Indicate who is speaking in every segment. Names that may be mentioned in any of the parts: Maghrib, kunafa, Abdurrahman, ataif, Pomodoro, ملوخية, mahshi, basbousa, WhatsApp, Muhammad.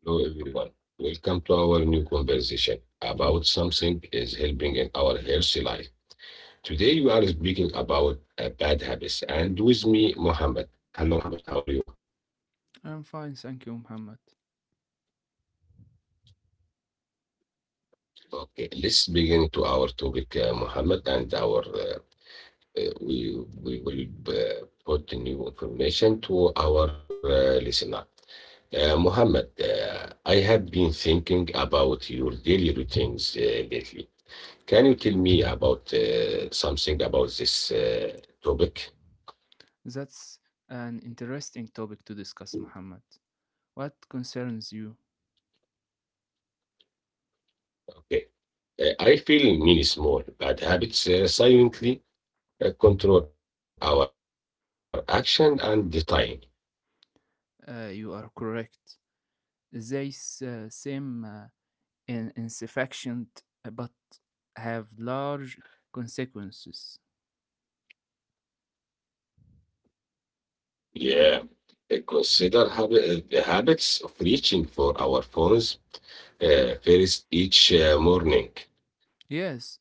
Speaker 1: Hello, everyone. Welcome to our new conversation about something is helping in our healthy life. Today, we are speaking about bad habits, and with me, Muhammad. Hello, Muhammad. How are you?
Speaker 2: I'm fine, thank you, Muhammad.
Speaker 1: Okay, let's begin to our topic, Mohammed, and our uh, we we will put the new information to our listener. Mohammed, I have been thinking about your daily routines lately. Can you tell me about something about this topic?
Speaker 2: That's an interesting topic to discuss, Muhammad. What concerns you?
Speaker 1: Okay. I feel many small bad habits silently control our action and the time.
Speaker 2: You are correct. They seem insufficient but have large consequences.
Speaker 1: Yeah. Consider the habits of reaching for our phones, first each morning.
Speaker 2: Yes,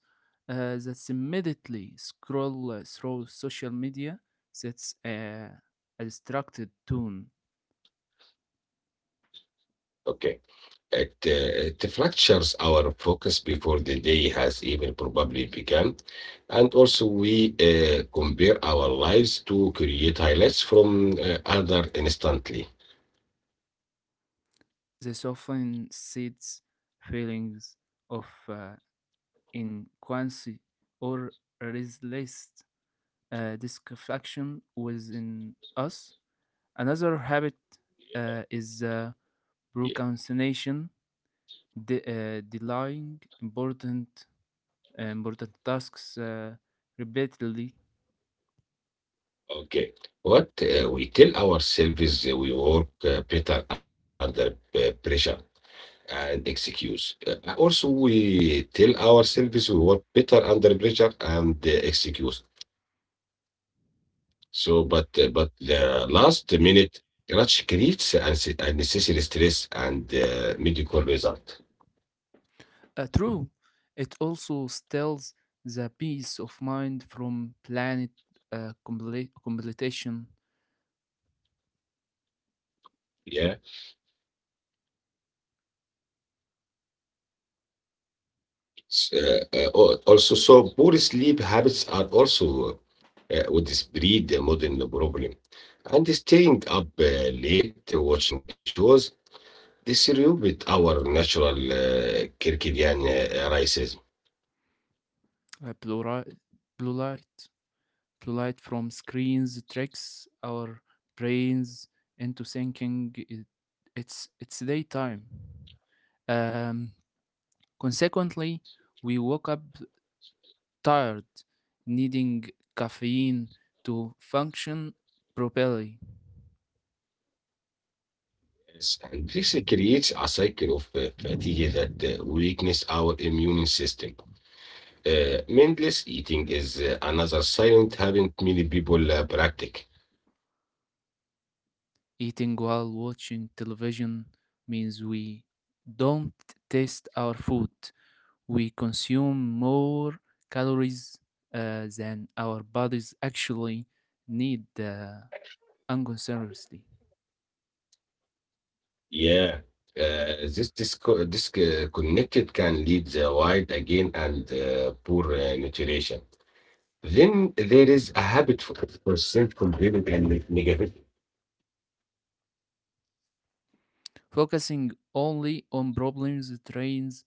Speaker 2: that's immediately scroll through social media. That's a distracted tone.
Speaker 1: Okay. It fractures our focus before the day has even probably begun. And also, we compare our lives to create highlights from other instantly.
Speaker 2: This often seeds feelings of in Quincy or restless dissatisfaction within us. Another habit is
Speaker 1: Yeah.
Speaker 2: procrastination, delaying important tasks repeatedly.
Speaker 1: Okay. What we tell ourselves is that we work better under pressure and excuse. Also, we tell ourselves we work better under pressure and excuse. So, but the last minute rush creates unnecessary stress and medical result.
Speaker 2: True, it also steals the peace of mind from planet completion,
Speaker 1: Yeah. Also, so poor sleep habits are also what is breed the modern problem. And staying up late watching shows distribute our natural circadian rhythm.
Speaker 2: uh, plural, plural. To light from screens tricks our brains into thinking it's daytime. Um, Consequently, we woke up tired, needing caffeine to function properly.
Speaker 1: Yes, and this creates a cycle of fatigue that weakens our immune system. Mindless eating is another silent habit many people practice.
Speaker 2: Eating while watching television means we don't taste our food. We consume more calories than our bodies actually need, unconsciously.
Speaker 1: Yeah, this disconnected can lead the wild again and poor nutrition. Then there is a habit for percent complaining and negative.
Speaker 2: Focusing only on problems trains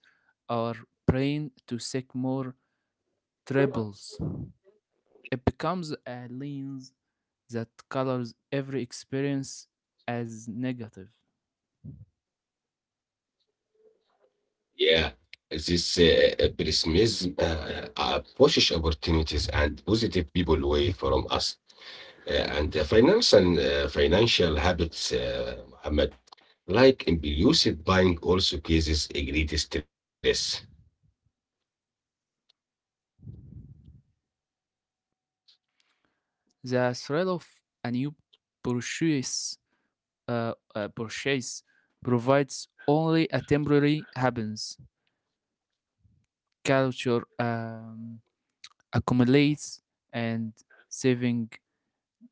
Speaker 2: our brain to seek more troubles. It becomes a lens that colors every experience as negative.
Speaker 1: Yeah, this pessimism pushes opportunities and positive people away from us. Uh, and financial habits, Muhammad. Like in illicit buying also causes a great stress.
Speaker 2: The thrill of a new purchase, purchase provides only a temporary happiness. Culture accumulates and saving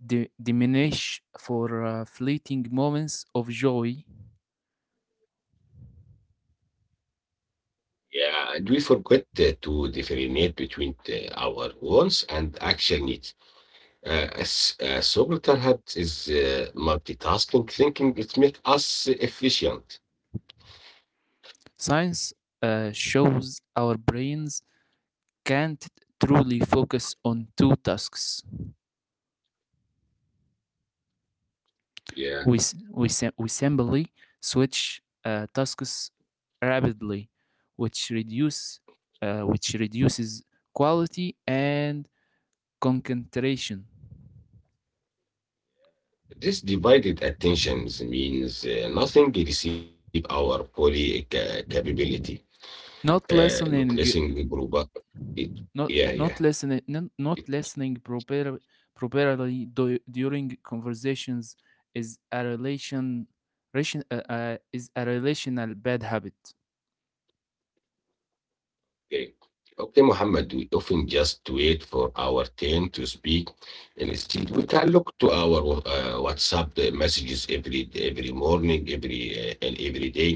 Speaker 2: diminish for fleeting moments of joy.
Speaker 1: Yeah, and we forget to differentiate between our wants and actual needs. As a subtle habit is multitasking thinking. It makes us efficient.
Speaker 2: Science shows our brains can't truly focus on two tasks.
Speaker 1: Yeah,
Speaker 2: We simply switch tasks rapidly, which, reduce, which reduces quality and concentration.
Speaker 1: this divided attentions means nothing receive our fully capability.
Speaker 2: Not
Speaker 1: Not lessing
Speaker 2: listening
Speaker 1: listening. Yeah, yeah.
Speaker 2: Not listening properly during conversations is a is a relational bad habit.
Speaker 1: Okay. Okay, Muhammad, we often just wait for our turn to speak. And instead, we can look to our WhatsApp messages every morning, every and every day.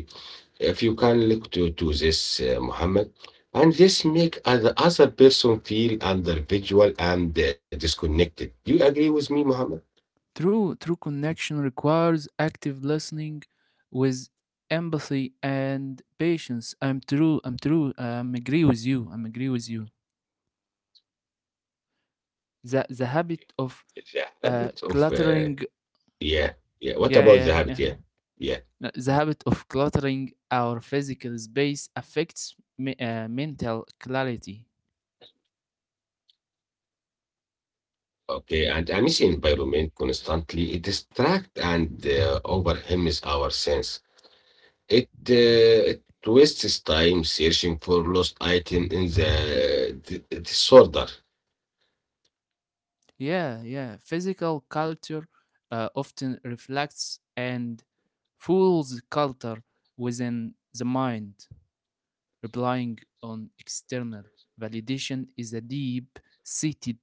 Speaker 1: If you can look to this, Muhammad, and this make other person feel under visual and disconnected. You agree with me, Muhammad?
Speaker 2: True connection requires active listening with empathy and patience. I'm true. I'm agree with you. The habit of
Speaker 1: The habit of
Speaker 2: cluttering.
Speaker 1: yeah, yeah. What
Speaker 2: Yeah
Speaker 1: about
Speaker 2: yeah
Speaker 1: the
Speaker 2: yeah.
Speaker 1: habit? Yeah, yeah.
Speaker 2: The habit of cluttering our physical space affects mental clarity.
Speaker 1: Okay, and emission environment constantly it distract and overwhelms our sense. It wastes time searching for lost item in the disorder.
Speaker 2: Yeah, yeah. Physical culture often reflects and fools culture within the mind. Relying on external validation is a deep seated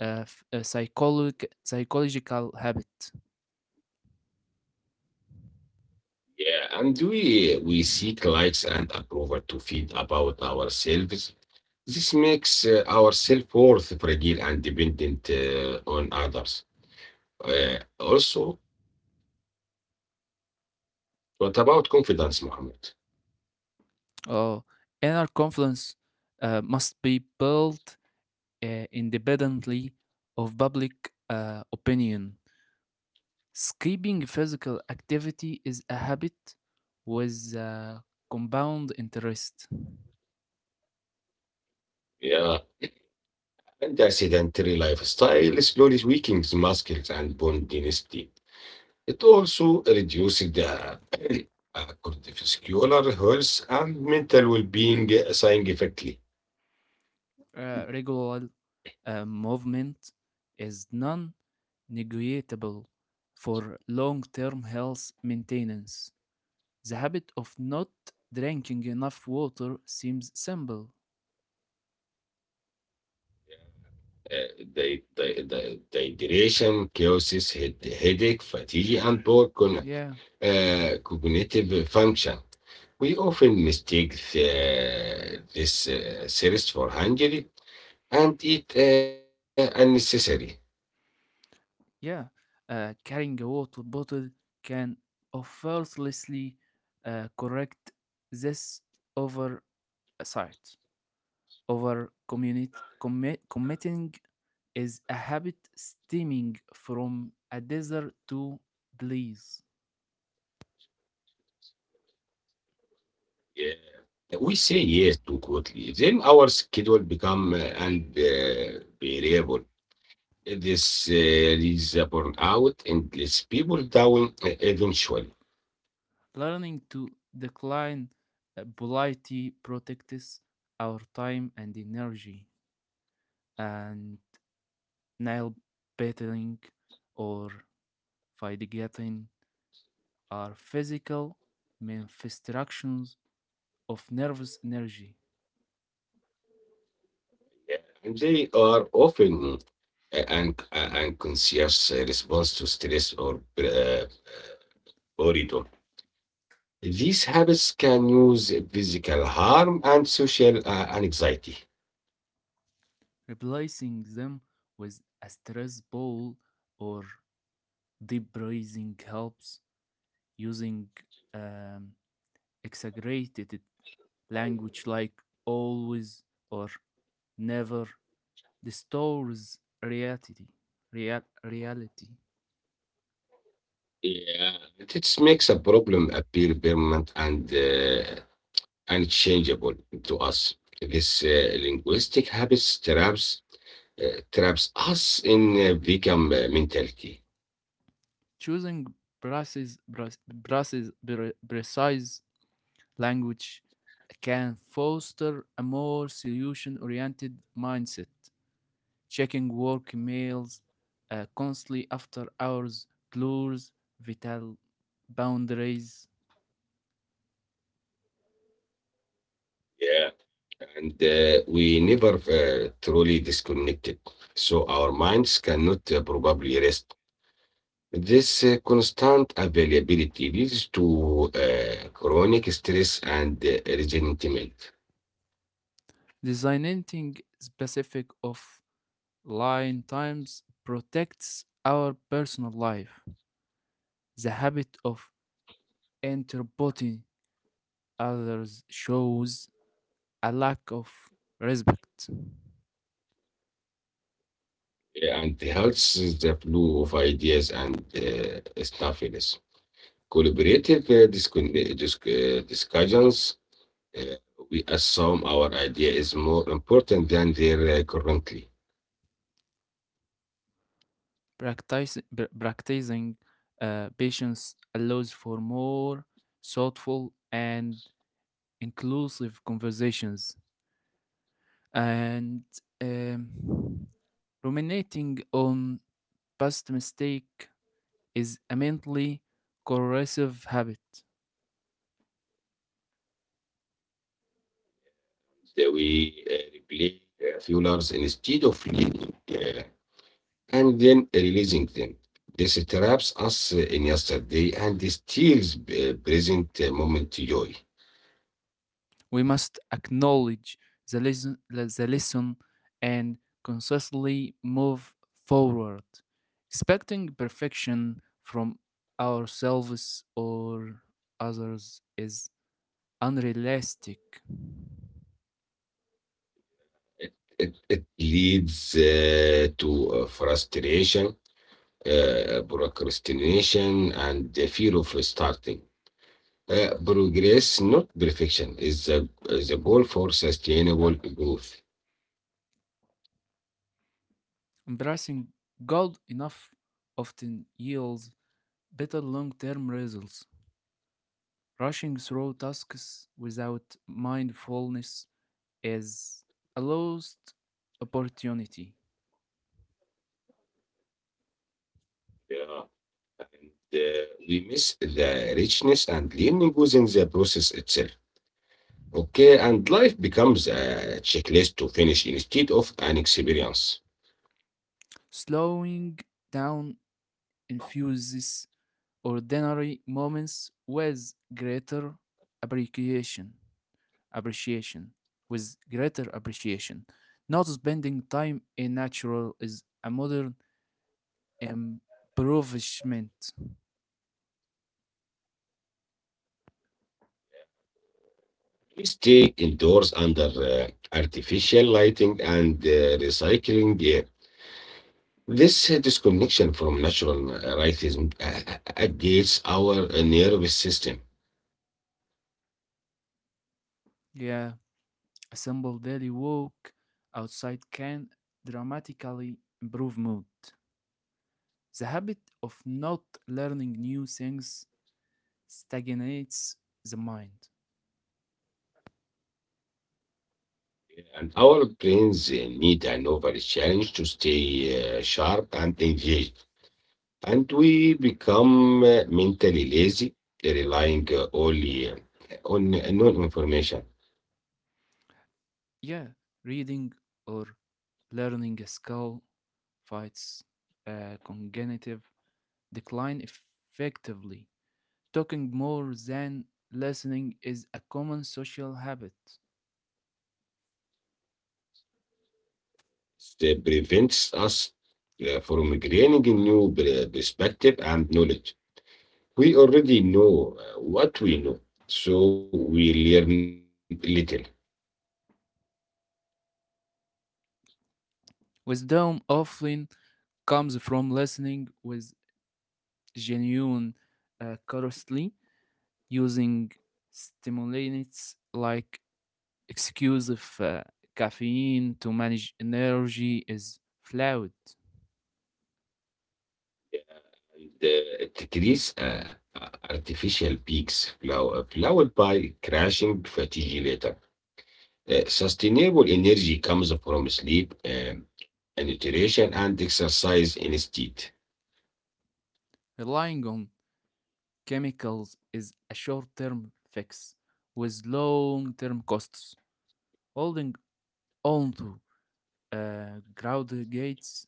Speaker 2: psychological habit.
Speaker 1: Yeah, and we seek likes and approval to feel about ourselves. This makes our self-worth fragile and dependent on others. Also, what about confidence, Mohammed?
Speaker 2: Oh, inner confidence must be built independently of public opinion. Skipping physical activity is a habit with compound interest.
Speaker 1: Yeah, and the sedentary lifestyle slowly weakens muscles and bone density. It also reduces the cardiovascular health and mental well-being significantly.
Speaker 2: Regular movement is non negotiable for long term health maintenance. The habit of not drinking enough water seems simple.
Speaker 1: The dehydration causes headache, fatigue, and poor
Speaker 2: Yeah.
Speaker 1: cognitive function. We often mistake this series for Hungary and it unnecessary.
Speaker 2: Yeah, Carrying a water bottle can effortlessly correct this oversight. Over committing is a habit stemming from a desire to please.
Speaker 1: Yeah. We say yes too quickly, then our schedule become unbearable. This leads a burnout and lets people down eventually.
Speaker 2: Learning to decline politely protects our time and energy, and nail biting or fighting are physical manifestations of nervous energy.
Speaker 1: Yeah. And they are often unconscious response to stress or boredom. These habits can use physical harm and social anxiety.
Speaker 2: Replacing them with a stress ball or deep breathing helps, using um, exaggerated language like always or never distorts reality.
Speaker 1: Yeah, it makes a problem appear permanent and unchangeable to us. This linguistic habits traps us in victim mentality.
Speaker 2: Choosing precise, precise, precise language can foster a more solution oriented mindset. Checking work emails constantly after hours blurs vital boundaries.
Speaker 1: Yeah, and we never truly disconnected, so our minds cannot probably rest. This constant availability leads to chronic stress and resentment,
Speaker 2: Designing specific offline times protects our personal life. The habit of interrupting others shows a lack of respect.
Speaker 1: and helps the flow of ideas and stuffiness. Collaborative discussions, uh, we assume our idea is more important than their currently.
Speaker 2: Practicing patience allows for more thoughtful and inclusive conversations. And um, Ruminating on past mistake is a mentally corrosive habit.
Speaker 1: That we replay fuelers instead of leading, and then releasing them. This traps us in yesterday and steals present moment joy.
Speaker 2: We must acknowledge the lesson and consistently move forward. Expecting perfection from ourselves or others is unrealistic.
Speaker 1: It leads to frustration, procrastination, and the fear of starting. Progress, not perfection, is the goal for sustainable growth.
Speaker 2: Embracing God enough often yields better long term results. Rushing through tasks without mindfulness is a lost opportunity.
Speaker 1: Yeah. And we miss the richness and learning within the process itself. Okay, and life becomes a checklist to finish instead of an experience.
Speaker 2: Slowing down infuse these ordinary moments with greater appreciation appreciation appreciation. Not spending time in natural is a modern improvement.
Speaker 1: We stay indoors under artificial lighting and recycling gear. This disconnection from natural rhythm gates our nervous system.
Speaker 2: Yeah, a simple daily walk outside can dramatically improve mood. The habit of not learning new things stagnates the mind.
Speaker 1: And our brains need an overall challenge to stay sharp and engaged. And we become mentally lazy, relying only on known information.
Speaker 2: Yeah, reading or learning a skill fights cognitive decline effectively. Talking more than listening is a common social habit.
Speaker 1: It prevents us from gaining a new perspective and knowledge. We already know what we know, so we learn little.
Speaker 2: Wisdom often comes from listening with genuine curiosity. Using stimulants like excessive caffeine to manage energy is flawed.
Speaker 1: The decrease artificial peaks followed by crashing fatigue later. Sustainable energy comes from sleep, and nutrition, and exercise instead.
Speaker 2: Relying on chemicals is a short term fix with long term costs. Holding on to uh, Graudgate's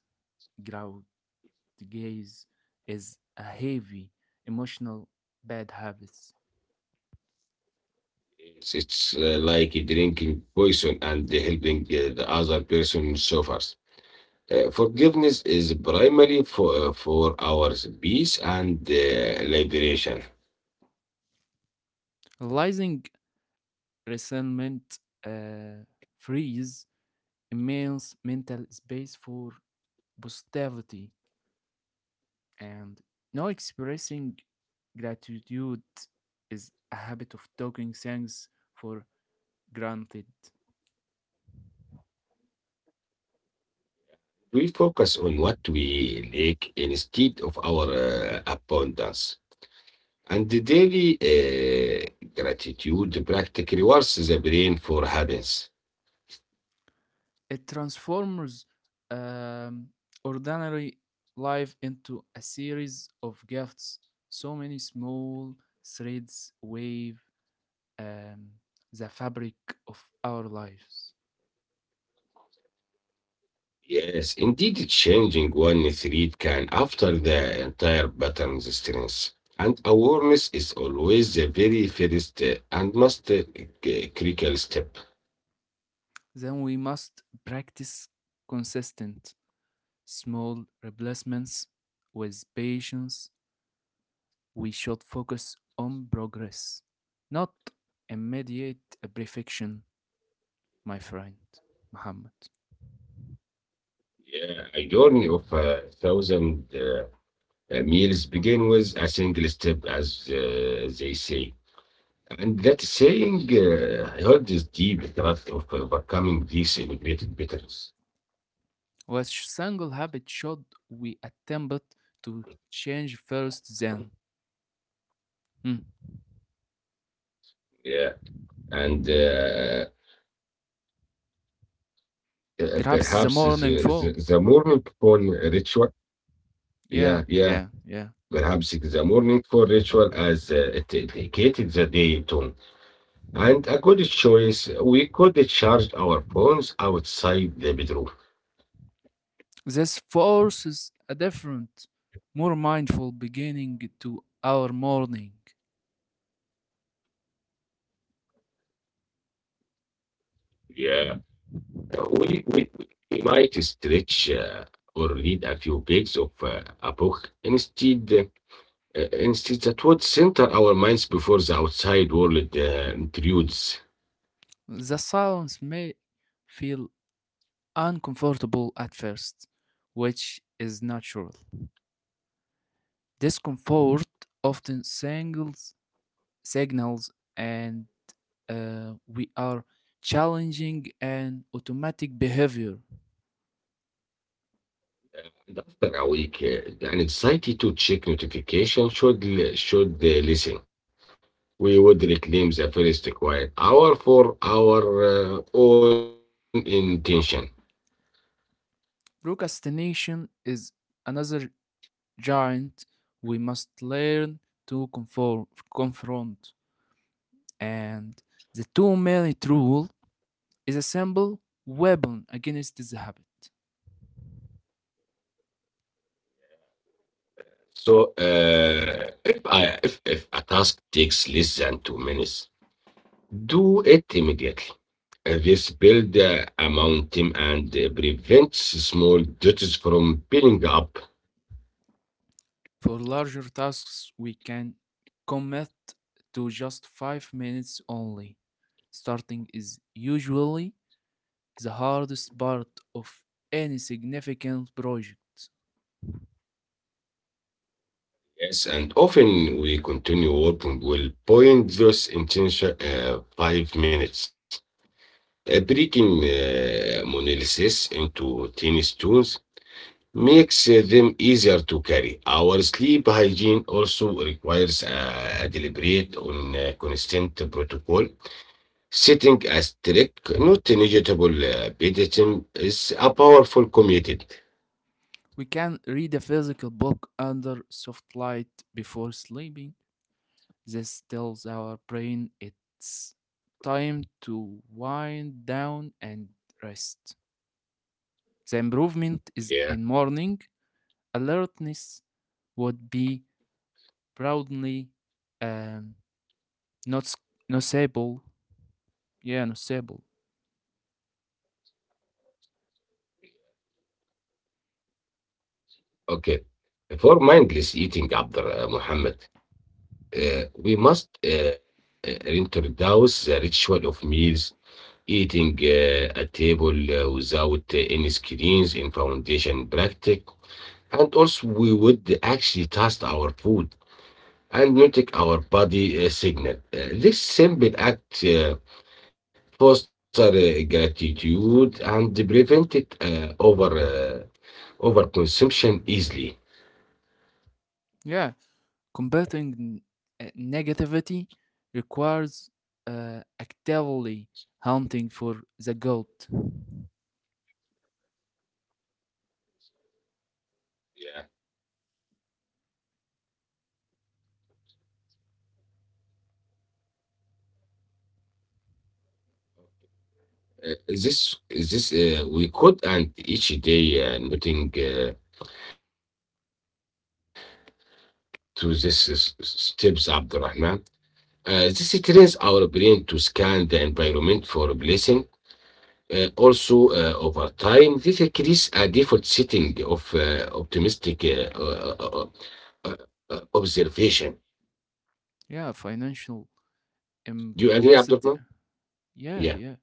Speaker 2: Graudgate's is a heavy emotional bad habits.
Speaker 1: It's like drinking poison and helping the other person suffers. Forgiveness is primary for our peace and liberation.
Speaker 2: Realizing resentment uh, frees immense mental space for positivity, and now expressing gratitude is a habit of taking things for granted.
Speaker 1: We focus on what we lack instead of our abundance. And the daily gratitude practice rewards the brain for habits.
Speaker 2: It transforms um, ordinary life into a series of gifts. So many small threads wave um, the fabric of our lives.
Speaker 1: Yes, indeed, changing one thread can after the entire pattern's strength. And awareness is always the very first and most critical step.
Speaker 2: Then we must practice consistent small replacements with patience. We should focus on progress, not immediate perfection, my friend Muhammad.
Speaker 1: Yeah, a journey of a thousand meals begin with a single step, as they say. And that saying, I heard is deep craft of overcoming these immigrated bitterness.
Speaker 2: What single habit should we attempt to change first then? Hmm.
Speaker 1: Yeah. And perhaps
Speaker 2: Perhaps the
Speaker 1: the,
Speaker 2: morning
Speaker 1: the, the
Speaker 2: phone.
Speaker 1: morning for ritual. Yeah,
Speaker 2: Yeah,
Speaker 1: yeah.
Speaker 2: yeah, yeah.
Speaker 1: Perhaps it is a morning for ritual as it indicated the day tone. And a good choice, we could charge our phones outside the bedroom.
Speaker 2: This forces a different, more mindful beginning to our morning.
Speaker 1: Yeah. We, we, we might stretch or read a few pages of a book instead. Instead, that would center our minds before the outside world intrudes.
Speaker 2: The silence may feel uncomfortable at first, which is natural. Discomfort often signals an we are challenging an automatic behavior.
Speaker 1: And after a week, the anxiety to check notification should listen. We would reclaim the first quiet hour for our own intention.
Speaker 2: Procrastination is another giant we must learn to confront. And the 2 minute rule is a simple weapon against the habit.
Speaker 1: So, if I if a task takes less than 2 minutes, do it immediately. This builds a mountain and prevents small duties from piling up.
Speaker 2: For larger tasks, we can commit to just 5 minutes only. Starting is usually the hardest part of any significant project.
Speaker 1: Yes, and often we continue working will point those intention 5 minutes. Breaking monolysis into tiny stones makes them easier to carry. Our sleep hygiene also requires a deliberate on constant protocol. Setting a strict, not negligible bedtime is a powerful commitment.
Speaker 2: We can read a physical book under soft light before sleeping. This tells our brain it's time to wind down and rest. The improvement is in
Speaker 1: Yeah.
Speaker 2: morning alertness would be proudly, um, not s- noticeable. Yeah, noticeable.
Speaker 1: Okay. For mindless eating, Abd Muhammad, we must reintroduce the ritual of meals, eating at table without any screens in foundation practice. And also, we would actually test our food and notice our body signal. This simple act foster gratitude and prevent it, over overconsumption easily.
Speaker 2: Yeah, combating negativity requires actively hunting for the goal.
Speaker 1: This we could and each day noting to this steps Abdurrahman. This trains our brain to scan the environment for blessing. Also, over time, this creates a default setting of optimistic uh, observation.
Speaker 2: Yeah, financial
Speaker 1: Do you agree, Abdurrahman?
Speaker 2: implicit.
Speaker 1: Yeah.
Speaker 2: Yeah, yeah.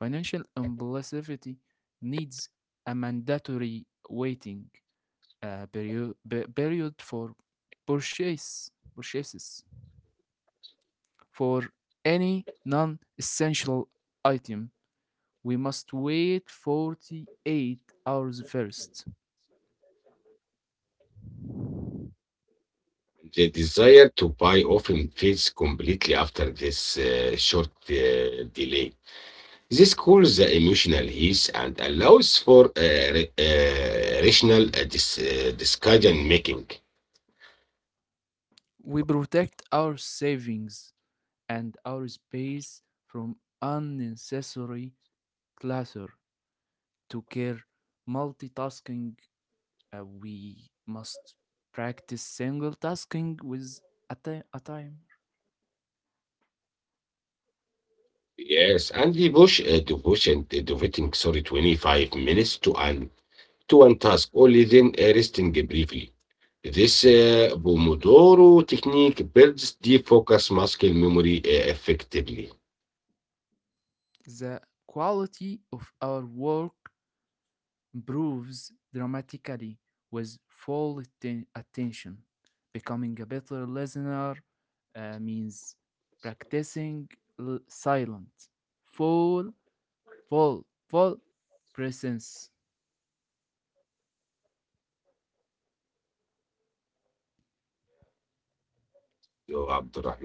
Speaker 2: Financial implicity needs a mandatory waiting uh, period period for purchases for any non-essential item. We must wait 48 hours first.
Speaker 1: The desire to buy often fades completely after this short delay. This calls the emotional heat and allows for rational decision making.
Speaker 2: We protect our savings and our space from unnecessary clutter. To care multitasking, we must practice single tasking with a timer.
Speaker 1: Yes, and the push devotion devoting sorry 25 minutes to one task, only then resting briefly. This Pomodoro technique builds deep focus muscle memory effectively.
Speaker 2: The quality of our work improves dramatically with full attention. Becoming a better listener means practicing silent, full, full presence.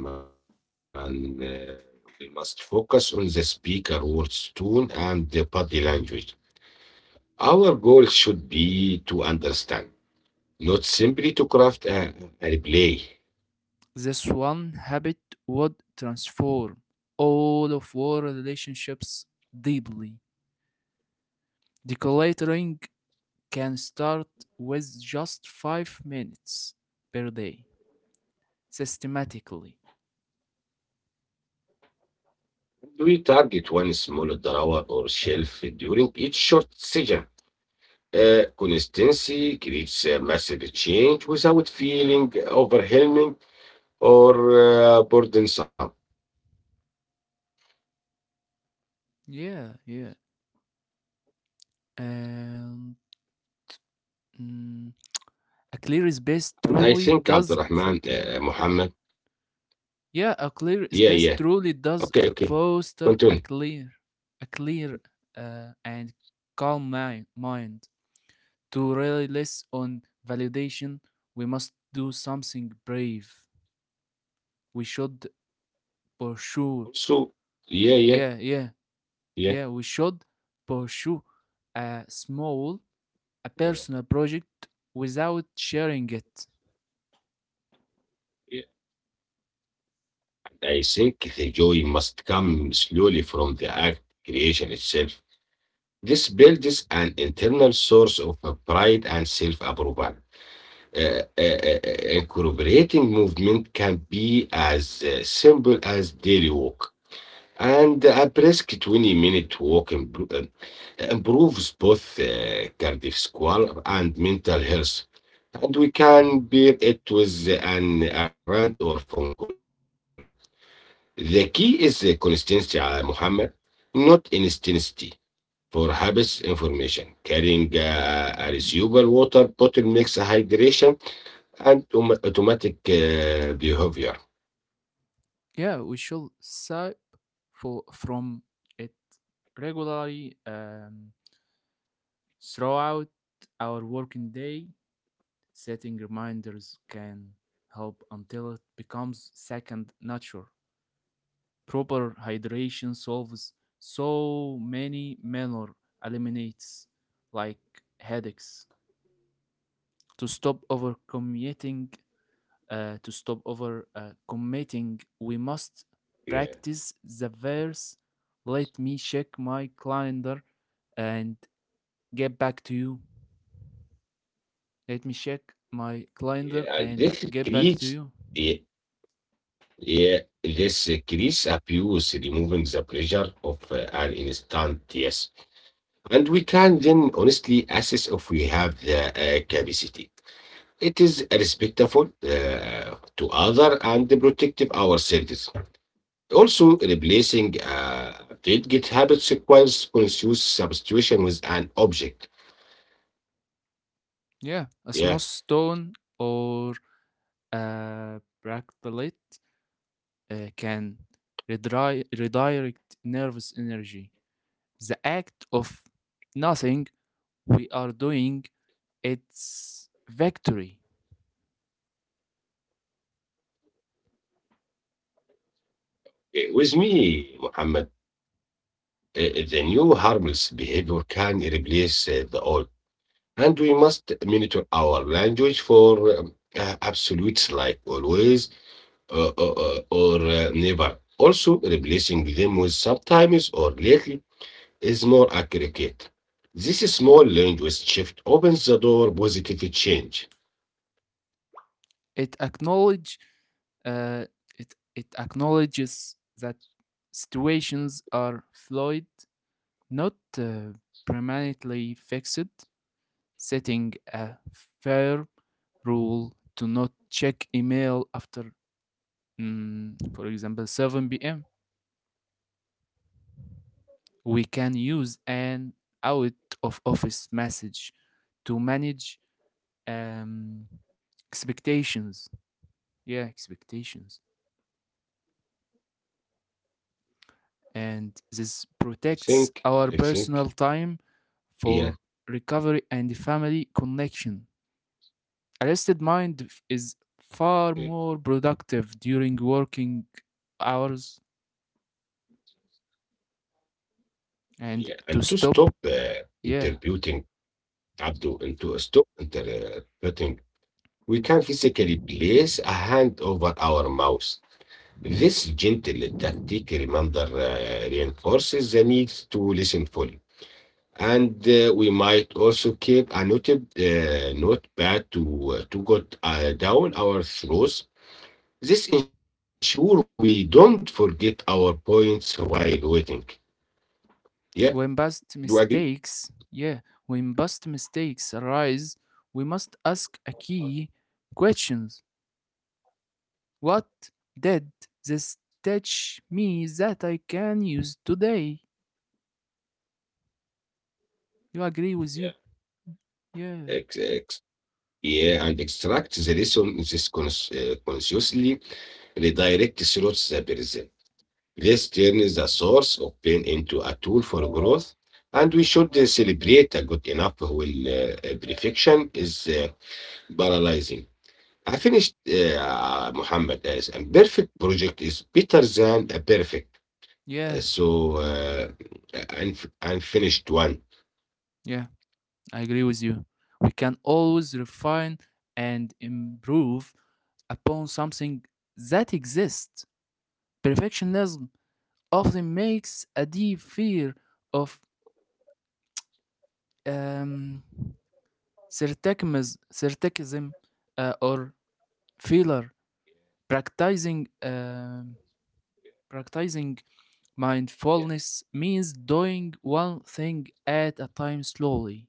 Speaker 1: So, Abdurrahman, we must focus on the speaker words, tone, and the body language. Our goal should be to understand, not simply to craft a replay.
Speaker 2: This one habit would transform all of our relationships deeply. Decluttering can start with just 5 minutes per day, systematically.
Speaker 1: And we target one small drawer or shelf during each short session. Consistency creates a massive change without feeling overwhelming or burdensome.
Speaker 2: Yeah, yeah. And mm, a clear space
Speaker 1: And I
Speaker 2: truly
Speaker 1: think
Speaker 2: does.
Speaker 1: Abdurrahman, Muhammad,
Speaker 2: A clear
Speaker 1: yeah,
Speaker 2: space
Speaker 1: yeah,
Speaker 2: truly does
Speaker 1: okay, okay,
Speaker 2: foster a
Speaker 1: continue.
Speaker 2: clear, a clear, and calm mind. Mind to release on validation, we must do something brave. We should pursue.
Speaker 1: Also, yeah, yeah,
Speaker 2: Yeah, yeah.
Speaker 1: yeah,
Speaker 2: Yeah, we should pursue a small, a
Speaker 1: yeah,
Speaker 2: personal project without sharing it.
Speaker 1: yeah. I think the joy must come slowly from the act, creation itself. This builds an internal source of pride and self approval. Uh, uh, uh, Incorporating movement can be as simple as daily walk. And a brisk 20-minute walk improves both cardiovascular and mental health. And we can pair it with an errand or phone call. The key is consistency, Muhammad, not instantity. For habits information, carrying a reusable water bottle makes hydration and automatic behavior.
Speaker 2: Yeah, we should sip for from it regularly throughout our working day. Setting reminders can help until it becomes second nature. Proper hydration solves so many minor eliminates like headaches. To stop over committing, we must
Speaker 1: Yeah,
Speaker 2: practice the verse. Let me check my calendar and get back to you. Let me check my calendar
Speaker 1: yeah, and
Speaker 2: and
Speaker 1: this
Speaker 2: get back to
Speaker 1: creates.
Speaker 2: you.
Speaker 1: Yeah, yeah, this creates abuse, removing the pleasure of an instant yes. And we can then honestly assess if we have the capacity. It is respectful to other and protective our service. Also, replacing delegate habits requires conscious substitution with an object.
Speaker 2: Yeah, a small
Speaker 1: Yeah.
Speaker 2: stone or a bractelet can redirect nervous energy. The act of nothing we are doing, it's victory.
Speaker 1: With me, Muhammad, the new harmless behavior can replace the old, and we must monitor our language for absolutes like always or never. Also, replacing them with sometimes or lately is more accurate. This small language shift opens the door positive change.
Speaker 2: it acknowledge uh, it acknowledges that situations are fluid, not permanently fixed. Setting a fair rule to not check email after, for example, 7 p.m. We can use an out of office message to manage um, expectations. Yeah, expectations. And this
Speaker 1: I think,
Speaker 2: protects
Speaker 1: I
Speaker 2: our
Speaker 1: think,
Speaker 2: personal time
Speaker 1: yeah,
Speaker 2: for recovery and family connection. A rested mind is far
Speaker 1: eh,
Speaker 2: more productive during working hours. And
Speaker 1: yeah.
Speaker 2: to stop, yeah.
Speaker 1: Interpreting and to stop interpreting, we can physically place a hand over our mouth. This gentle tactic reminder reinforces the need to listen fully. And we might also keep a noted notepad to jot down our thoughts. This ensure we don't forget our points while waiting. Yeah, do
Speaker 2: When
Speaker 1: you agree?
Speaker 2: past mistakes arise, we must ask a key questions. What did this teach me that I can use today? You agree
Speaker 1: Yeah.
Speaker 2: with you?
Speaker 1: Ex-
Speaker 2: Yeah.
Speaker 1: ex- yeah, and extract the lesson this consciously redirect throughout the person. This turns the source of pain into a tool for growth, and we should celebrate a good enough when perfection is paralyzing. I finished Muhammad as a perfect project is better than a perfect.
Speaker 2: Yeah,
Speaker 1: So uh, unfinished one
Speaker 2: yeah, I agree with you. We can always refine and improve upon something that exists. Perfectionism often makes a deep fear of um, certicism or failure. Practicing, um, Practicing mindfulness means doing one thing at a time slowly.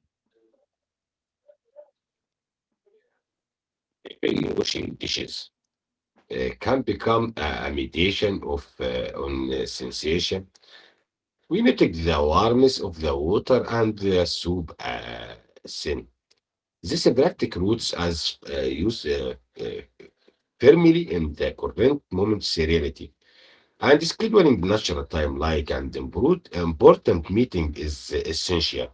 Speaker 1: in washing dishes can become a mediation of on sensation. We noted the warmth of the water and the soup sin. This practic roots as used uh, firmly in the current moment's reality. And scheduling natural time like an important meeting is essential.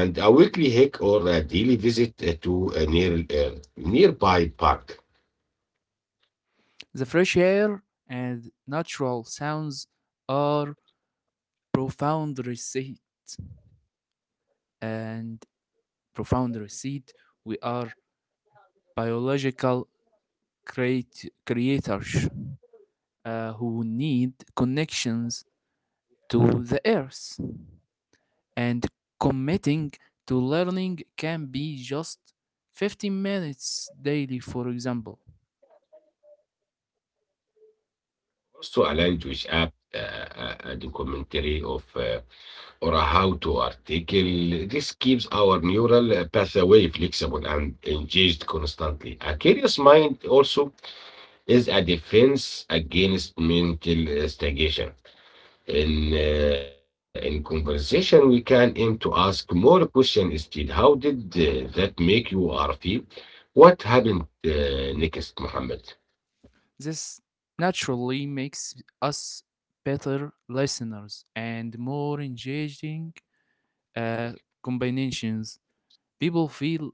Speaker 1: And a weekly hike or a daily visit to a nearby park.
Speaker 2: The fresh air and natural sounds are profound receipt and profound receipt. We are biological creators who need connections to the earth, and committing to learning can be just 15 minutes daily, for example.
Speaker 1: Also, a language app, a documentary of or a how-to article. This keeps our neural pathway flexible and engaged constantly. A curious mind also is a defense against mental stagnation. In conversation, we can aim to ask more questions instead. How did that make you or feel? What happened next, Muhammad?
Speaker 2: This naturally makes us better listeners and more engaging uh, combinations. People feel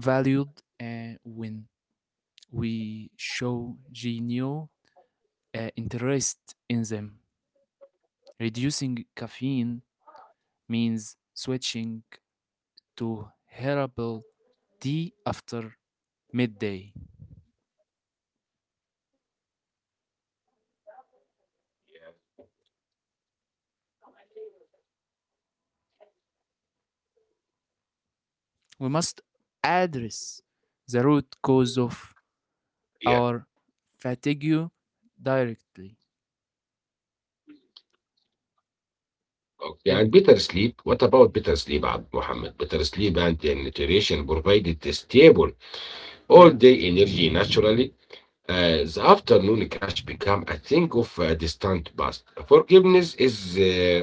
Speaker 2: valued when we show genuine interest in them. Reducing caffeine means switching to herbal tea after midday. We must address the root cause of our
Speaker 1: Yeah.
Speaker 2: fatigue directly.
Speaker 1: Okay.
Speaker 2: But
Speaker 1: And better sleep. What about better sleep, Abd Muhammad? Better sleep and nutrition provided the stable
Speaker 2: yeah,
Speaker 1: all-day energy naturally. The afternoon crash become a thing of a distant past. Forgiveness is uh,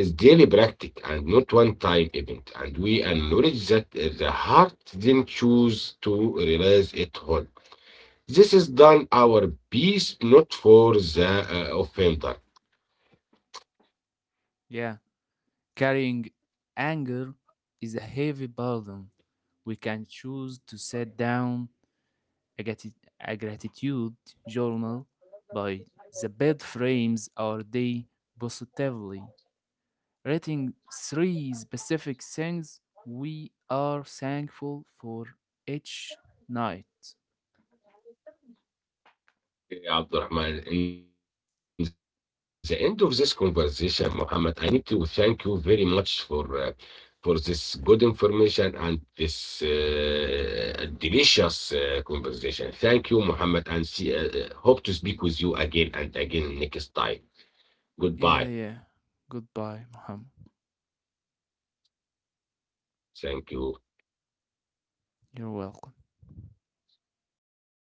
Speaker 1: is daily practice and not one time event, and we acknowledge that the heart then choose to realize it whole. This is done our peace, not for the offender.
Speaker 2: yeah. Carrying anger is a heavy burden. We can choose to set down a, grati- a gratitude journal by the bed frames our day positively, writing 3 specific things we are thankful for each night.
Speaker 1: Yeah, Abdurrahman, in the end of this conversation, Muhammad, I need to thank you very much for this good information and this delicious conversation. Thank you, Muhammad, and see, hope to speak with you again and again next time.
Speaker 2: Yeah, yeah.
Speaker 1: Goodbye.
Speaker 2: Goodbye, Muhammad.
Speaker 1: Thank you.
Speaker 2: You're welcome.